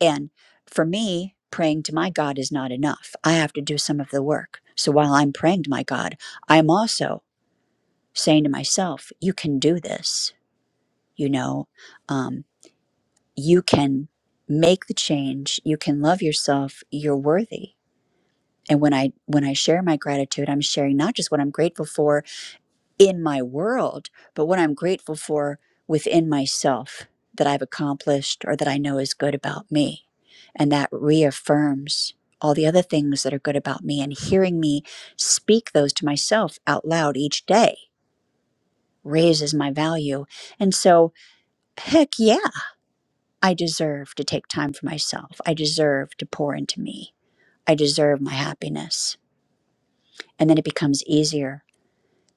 Speaker 1: And for me, praying to my God is not enough. I have to do some of the work. So while I'm praying to my God, I'm also saying to myself, you can do this. You know, um, you can make the change. You can love yourself. You're worthy. And when I when I share my gratitude, I'm sharing not just what I'm grateful for, in my world, but what I'm grateful for within myself that I've accomplished or that I know is good about me. And that reaffirms all the other things that are good about me. And hearing me speak those to myself out loud each day raises my value. And so, heck yeah, I deserve to take time for myself. I deserve to pour into me. I deserve my happiness. And then it becomes easier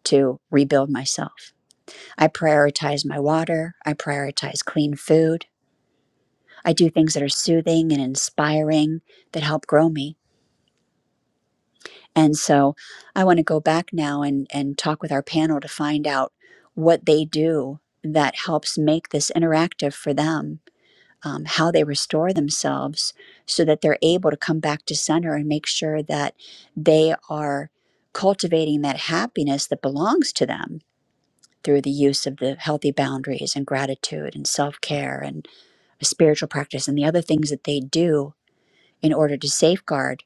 Speaker 1: to rebuild myself. I prioritize my water. I prioritize clean food. I do things that are soothing and inspiring that help grow me. And so I want to go back now and, and talk with our panel to find out what they do that helps make this interactive for them, um, how they restore themselves so that they're able to come back to center and make sure that they are cultivating that happiness that belongs to them through the use of the healthy boundaries and gratitude and self care and. spiritual practice and the other things that they do in order to safeguard,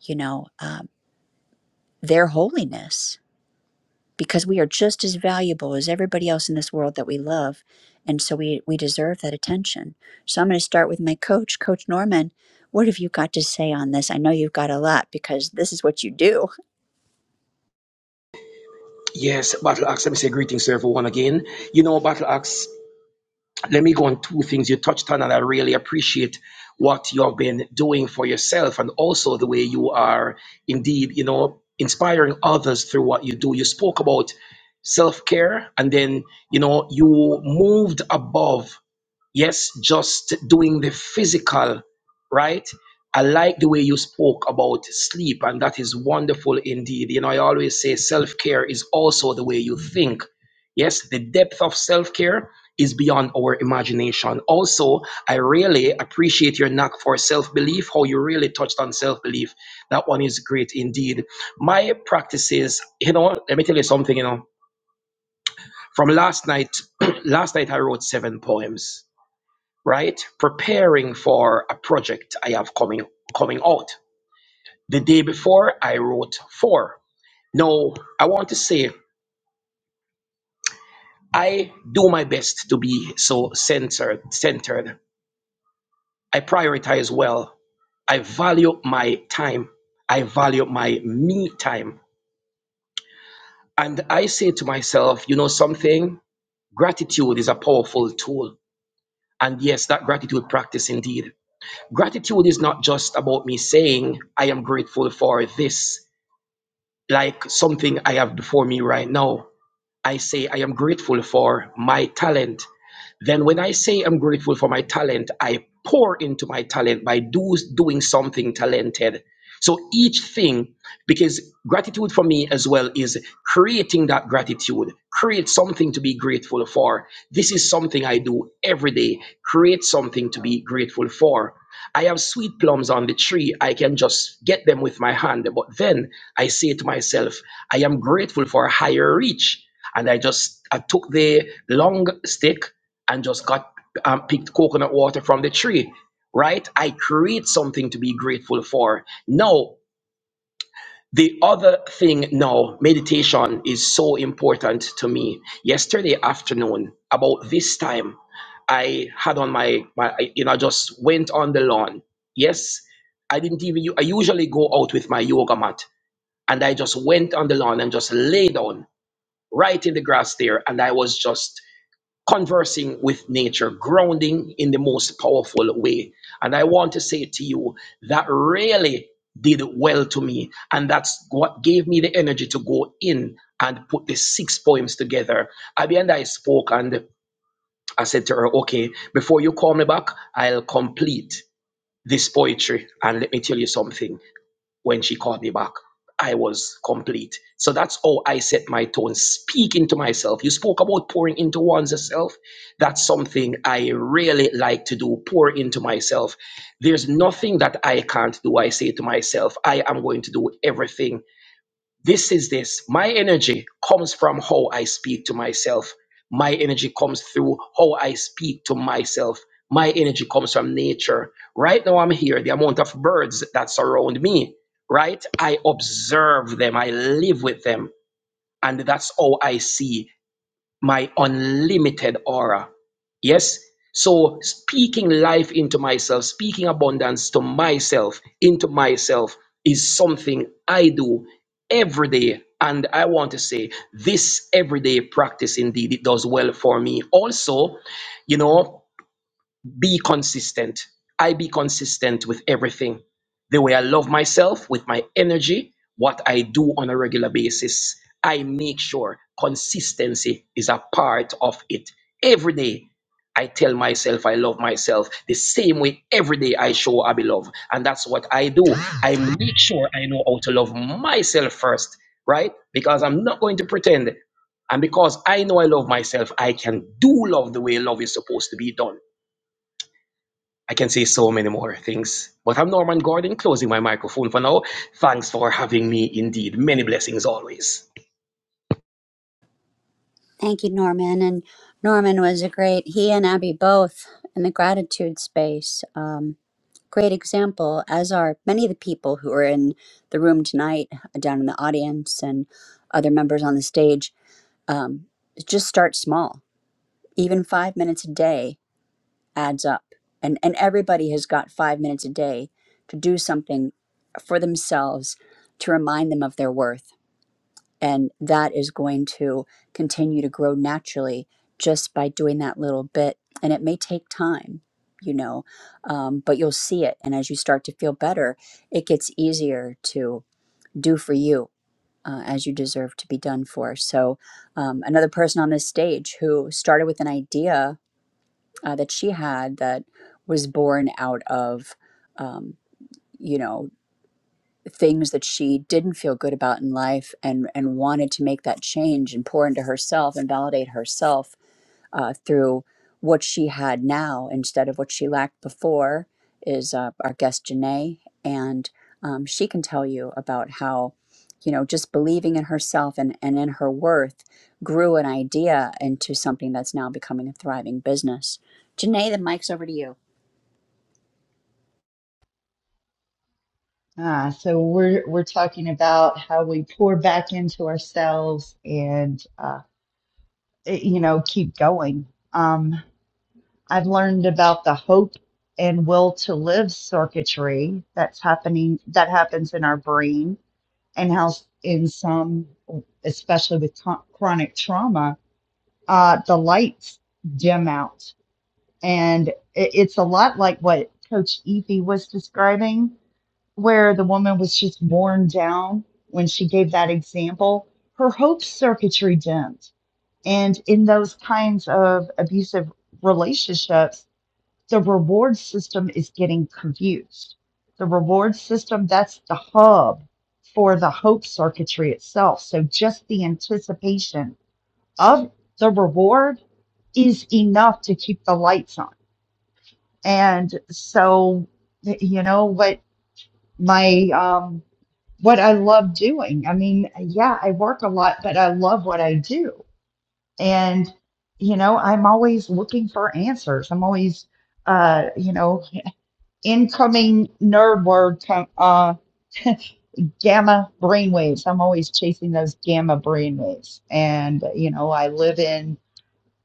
Speaker 1: you know, um, their holiness, because we are just as valuable as everybody else in this world that we love, and so we we deserve that attention. So I'm going to start with my coach, Coach Norman. What have you got to say on this? I know you've got a lot because this is what you do.
Speaker 5: Yes, Battle Axe, let me say greetings to everyone again. You know, Battle Axe, let me go on two things you touched on, and I really appreciate what you've been doing for yourself and also the way you are indeed, you know, inspiring others through what you do. You spoke about self care, and then, you know, you moved above. Yes, just doing the physical, right? I like the way you spoke about sleep, and that is wonderful indeed. You know, I always say self care is also the way you think. Yes, the depth of self care is beyond our imagination. Also, I really appreciate your knack for self belief, how you really touched on self belief. That one is great indeed. My practices, you know, let me tell you something, you know, from last night, last night I wrote seven poems right? Preparing for a project I have coming coming out. The day before I wrote four. Now I want to say I do my best to be so centered centered. I prioritize well. I value my time. I value my me time. And I say to myself, you know something? Gratitude is a powerful tool. And yes, that gratitude practice indeed. Gratitude is not just about me saying, I am grateful for this. like something I have before me right now. I say I am grateful for my talent then when I say I'm grateful for my talent, I pour into my talent by do, doing something talented. So each thing, because gratitude for me as well is creating that gratitude, create something to be grateful for. This is something I do every day, create something to be grateful for. I have sweet plums on the tree. I can just get them with my hand. But then I say to myself, I am grateful for a higher reach. And I just I took the long stick and just got um, picked coconut water from the tree, right? I create something to be grateful for. Now, the other thing now, meditation is so important to me. Yesterday afternoon, about this time, I had on my, my I- you know, I just went on the lawn. Yes, I didn't even, u- I usually go out with my yoga mat and I just went on the lawn and just lay down right in the grass there. And I was just conversing with nature, grounding in the most powerful way. And I want to say to you that really did well to me. And that's what gave me the energy to go in and put the six poems together. Abby and I spoke, and I said to her, Okay, before you call me back, I'll complete this poetry. And let me tell you something when she called me back, I was complete. So that's how I set my tone, speaking to myself. You spoke about pouring into one's self. That's something I really like to do, pour into myself. There's nothing that I can't do. I say to myself, I am going to do everything this is this. My energy comes from how I speak to myself. My energy comes through how I speak to myself. My energy comes from nature. Right now, I'm here. The amount of birds that surround me, right? I observe them, I live with them, and that's how I see my unlimited aura. Yes? So, speaking life into myself, speaking abundance to myself, into myself, is something I do every day. And I want to say this everyday practice indeed, it does well for me. Also, you know, be consistent. I be consistent with everything. The way I love myself, with my energy, what I do on a regular basis. I make sure consistency is a part of it. Every day, I tell myself I love myself the same way every day I show I love. And that's what I do. I make sure I know how to love myself first, right? Because I'm not going to pretend. And because I know I love myself, I can do love the way love is supposed to be done. I can say so many more things. But I'm Norman Gordon, closing my microphone for now. Thanks for having me, indeed. Many blessings always.
Speaker 1: Thank you, Norman. And Norman was a great, he and Abby both in the gratitude space. Um, great example, as are many of the people who are in the room tonight, uh, down in the audience, and other members on the stage. Um, just start small. Even five minutes a day adds up. And, and everybody has got five minutes a day to do something for themselves to remind them of their worth and that is going to continue to grow naturally just by doing that little bit and it may take time you know um, but you'll see it and as you start to feel better it gets easier to do for you uh, as you deserve to be done for so um, another person on this stage who started with an idea uh, that she had that was born out of um, you know things that she didn't feel good about in life and and wanted to make that change and pour into herself and validate herself uh, through what she had now instead of what she lacked before is uh, our guest Janae and um, she can tell you about how you know just believing in herself and, and in her worth grew an idea into something that's now becoming a thriving business. Janae, the mic's over to you.
Speaker 3: Uh, we're talking about pour back into ourselves and, uh, you know, keep going. Um, I've learned about the hope and will to live circuitry that's happening, that happens in our brain, and how, in some, especially with to- chronic trauma, uh, the lights dim out. And it, it's a lot like what Coach Evie was describing where the woman was just worn down when she gave that example, her hope circuitry dimmed. And in those kinds of abusive relationships, the reward system is getting confused. The reward system, that's the hub for the hope circuitry itself. So just the anticipation of the reward is enough to keep the lights on. And so, you know, what my um, what I love doing. I mean, yeah, I work a lot, but I love what I do. And, you know, I'm always looking for answers. I'm always, uh, you know, incoming nerd word, com- uh, gamma brainwaves. I'm always chasing those gamma brainwaves. And, you know, I live in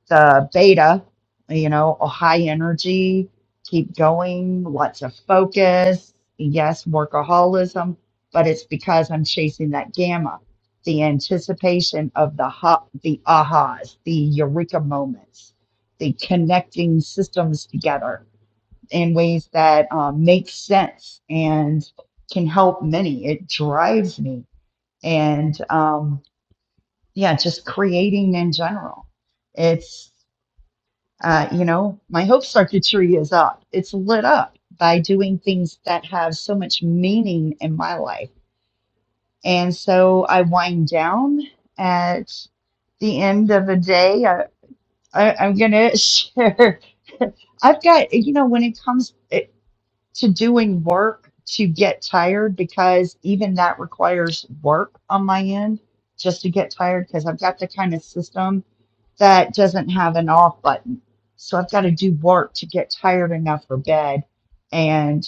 Speaker 3: the beta, you know, a high energy, keep going, lots of focus, yes, workaholism, but it's because I'm chasing that gamma, the anticipation of the hot, the off, the eureka moments, the connecting systems together in ways that um, make sense and can help many. It drives me and um, creating. you know, is up. It's lit up by doing things that have so much meaning in my life. And so I wind down at the end of the day. I, I, I'm going to share. I've got, you know, when it comes eh, to doing work to get tired, because even that requires work on my end just to get tired, because I've got the kind of system that doesn't have an off button. So I've got to do work to get tired enough for bed and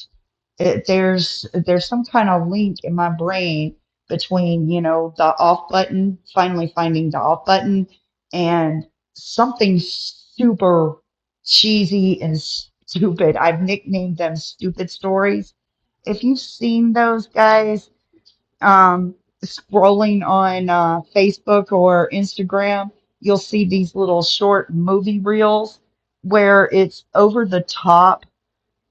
Speaker 3: it, there's there's some kind of link in my brain between you know the off button finally finding the off button and something super cheesy and stupid i've nicknamed them stupid stories if you've seen those guys um scrolling on uh, facebook or instagram you'll see these little short movie reels where it's over the top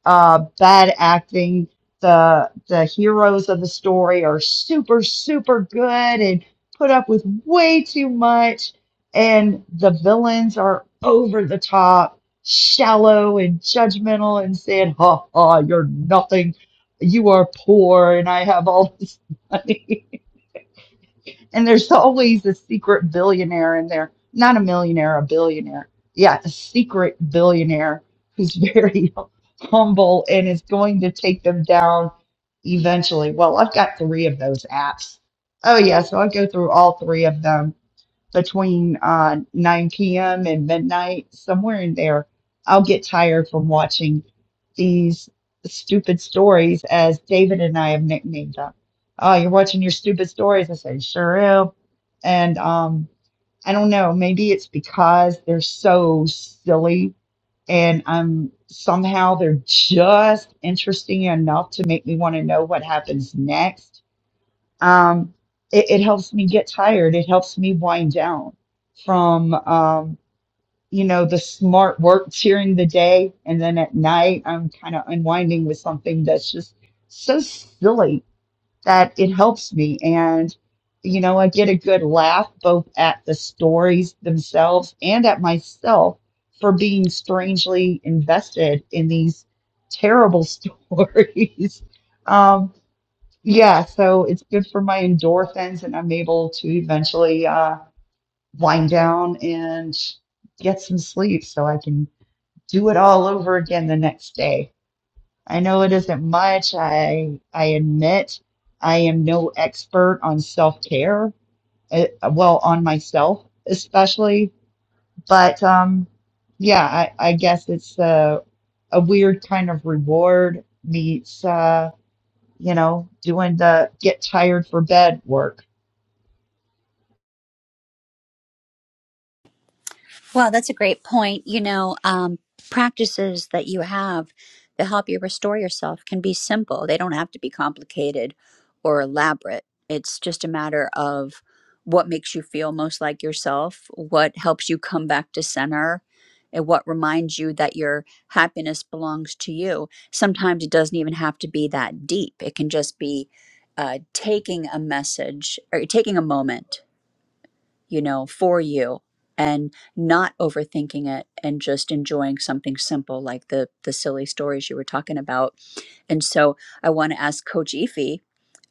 Speaker 3: uh, bad acting. The the heroes of the story are super super good and put up with way too much, and the villains are over the top, shallow and judgmental, and saying, "Ha ha, you're nothing. You are poor, and I have all this money." And there's always a secret billionaire in there. Not a millionaire, a billionaire. Yeah, a secret billionaire who's very humble and is going to take them down eventually. Well, I've got three of those apps. Oh, yeah. So I go through all three of them between uh, 9 p.m. and midnight, somewhere in there. I'll get tired from watching these stupid stories, as David and I have nicknamed them. Oh, you're watching your stupid stories. I say, sure am. And um, I don't know, maybe it's because they're so silly and I'm somehow they're just interesting enough to make me want to know what happens next um, it, it helps me get tired. It helps me wind down from, um, you know, the smart work during the day. And then at night, I'm kind of unwinding with something that's just so silly that it helps me. And, you know, I get a good laugh both at the stories themselves and at myself for being strangely invested in these terrible stories. Um, yeah, so it's good for my endorphins, and I'm able to eventually uh, wind down and get some sleep so I can do it all over again the next day. I know it isn't much. I I admit I am no expert on self-care, eh, well, on myself especially, but um, yeah, I, I guess it's a, a weird kind of reward meets uh, you know, doing the get tired for bed work.
Speaker 1: Well, that's a great point. You know, um, practices that you have that help you restore yourself can be simple, they don't have to be complicated or elaborate. It's just a matter of what makes you feel most like yourself, what helps you come back to center. And what reminds you that your happiness belongs to you. Sometimes it doesn't even have to be that deep. It can just be uh, taking a message or taking a moment you know, for you and not overthinking it and just enjoying something simple like the the silly stories you were talking about. And so I want to ask Coach Efi,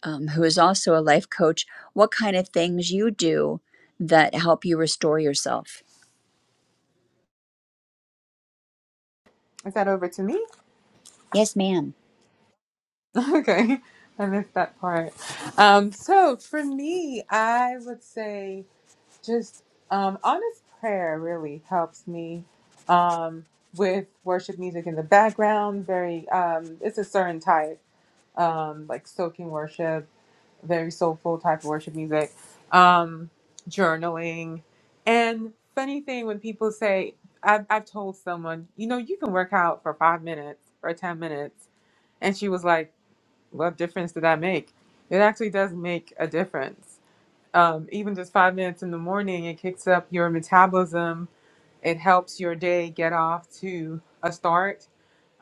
Speaker 1: um, who is also a life coach, what kind of things you do that help you restore yourself?
Speaker 6: Is that over to me?
Speaker 1: Yes, ma'am.
Speaker 6: Okay, I missed that part. Um, so for me, I would say just um, honest prayer really helps me um, with worship music in the background. Very, um, it's a certain type, um, like soaking worship. very soulful type of worship music, um, journaling. And funny thing, when people say, I've, I've told someone, you know, you can work out for five minutes or 10 minutes. And she was like, what difference did that make? It actually does make a difference. Um, even just five minutes in the morning, it kicks up your metabolism. It helps your day get off to a start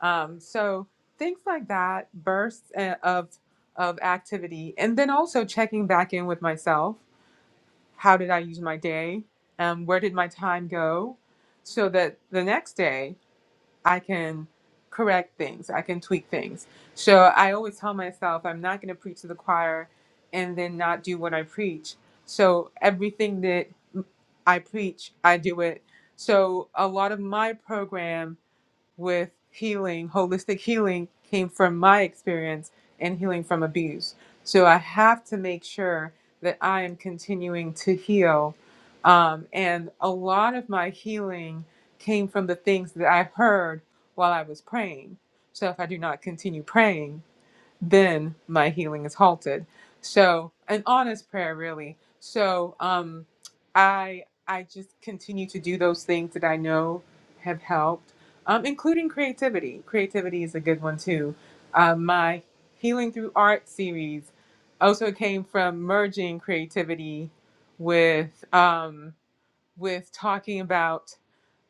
Speaker 6: um, so things like that, bursts uh, of of activity, and then also checking back in with myself. How did I use my day? Um, where did my time go? So that the next day I can correct things, I can tweak things. So I always tell myself I'm not going to preach to the choir and then not do what I preach. So everything that I preach, I do it. So a lot of my program with healing, holistic healing came from my experience and healing from abuse. So I have to make sure that I am continuing to heal. Um, and a lot of my healing came from the things that I heard while I was praying. So if I do not continue praying, then my healing is halted. So an honest prayer really. So um I I just continue to do those things that I know have helped, um, including creativity. Creativity is a good one too. Uh, my healing through art series also came from merging creativity with um, with talking about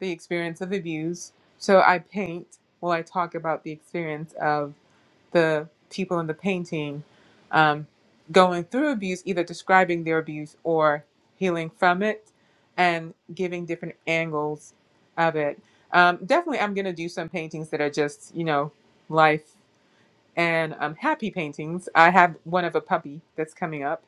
Speaker 6: the experience of abuse. So I paint while I talk about the experience of the people in the painting um, going through abuse, either describing their abuse or healing from it and giving different angles of it. Um, definitely, I'm going to do some paintings that are just, you know, life and um, happy paintings. I have one of a puppy that's coming up,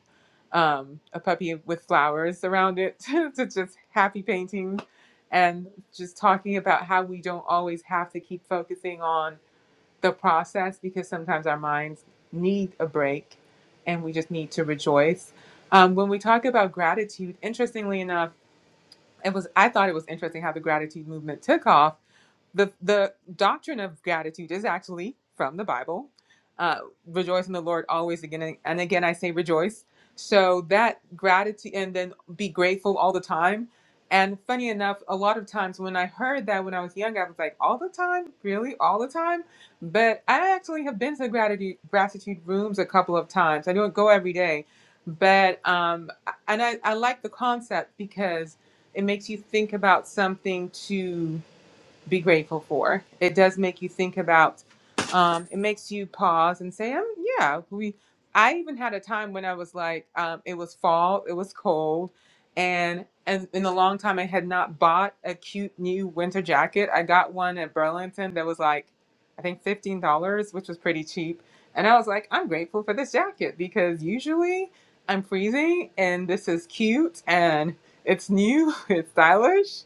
Speaker 6: um, a puppy with flowers around it, to just happy paintings and just talking about how we don't always have to keep focusing on the process because sometimes our minds need a break and we just need to rejoice. Um, when we talk about gratitude, interestingly enough, it was I thought it was interesting how the gratitude movement took off the the doctrine of gratitude is actually from the Bible. Uh, rejoice in the Lord always again and again I say rejoice. So that gratitude and then be grateful all the time. And funny enough, a lot of times when I heard that when I was young, I was like, all the time, really, all the time. But I actually have been to gratitude gratitude rooms a couple of times. I don't go every day, but um, and I, I like the concept because it makes you think about something to be grateful for. It does make you think about. Um, it makes you pause and say, um, "Yeah, we." I even had a time when I was like, um, it was fall, it was cold, and and in a long time I had not bought a cute new winter jacket. I got one at Burlington that was like, I think fifteen dollars, which was pretty cheap, and I was like, I'm grateful for this jacket because usually I'm freezing, and this is cute and it's new, it's stylish,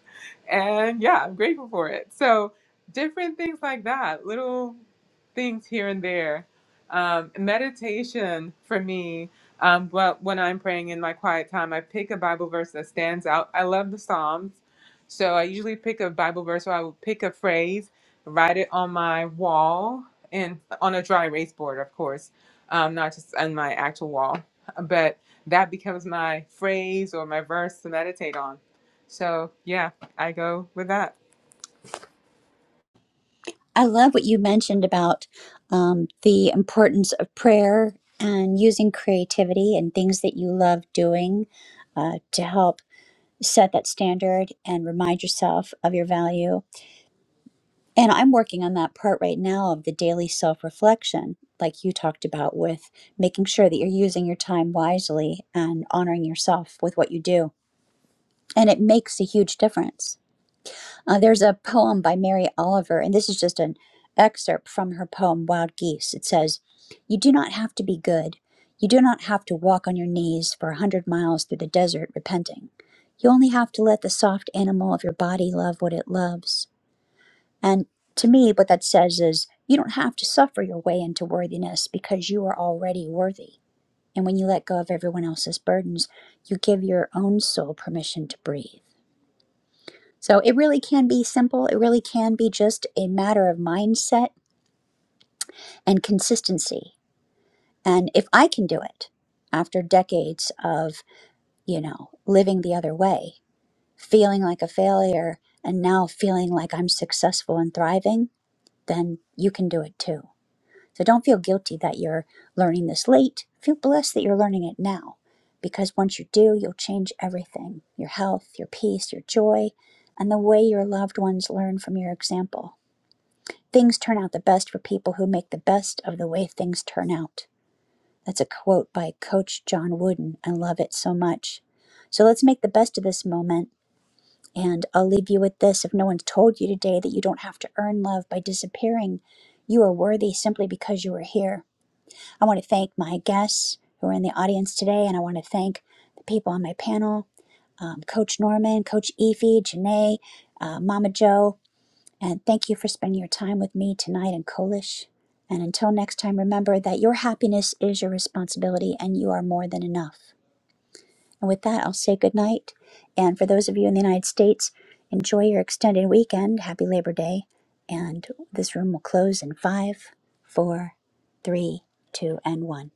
Speaker 6: and yeah, I'm grateful for it. So different things like that, little things here and there. Um, meditation for me, um, but when I'm praying in my quiet time, I pick a Bible verse that stands out. I love the Psalms, so I usually pick a Bible verse or I will pick a phrase, write it on my wall and on a dry erase board, of course, um, not just on my actual wall, but that becomes my phrase or my verse to meditate on so yeah, I go with that.
Speaker 1: I love what you mentioned about um, the importance of prayer and using creativity and things that you love doing uh, to help set that standard and remind yourself of your value. And I'm working on that part right now of the daily self reflection, like you talked about, with making sure that you're using your time wisely and honoring yourself with what you do. And it makes a huge difference. Uh, there's a poem by Mary Oliver, and this is just an excerpt from her poem Wild Geese. It says, You do not have to be good. You do not have to walk on your knees for a hundred miles through the desert repenting. You only have to let the soft animal of your body love what it loves. And to me, what that says is, you don't have to suffer your way into worthiness because you are already worthy. And when you let go of everyone else's burdens, you give your own soul permission to breathe. So it really can be simple. It really can be just a matter of mindset and consistency. And if I can do it after decades of, you know, living the other way, feeling like a failure, and now feeling like I'm successful and thriving, then you can do it too. So don't feel guilty that you're learning this late. Feel blessed that you're learning it now. Because once you do, you'll change everything your health, your peace, your joy, and the way your loved ones learn from your example. Things turn out the best for people who make the best of the way things turn out. That's a quote by Coach John Wooden. I love it so much. So let's make the best of this moment. And I'll leave you with this if no one's told you today that you don't have to earn love by disappearing, you are worthy simply because you are here. I want to thank my guests who are in the audience today, and I want to thank the people on my panel um, Coach Norman, Coach Efi, Janae, uh, Mama Joe. And thank you for spending your time with me tonight in Kolish. And until next time, remember that your happiness is your responsibility and you are more than enough. And with that, I'll say good night. And for those of you in the United States, enjoy your extended weekend. Happy Labor Day. And this room will close in five, four, three, two, and one.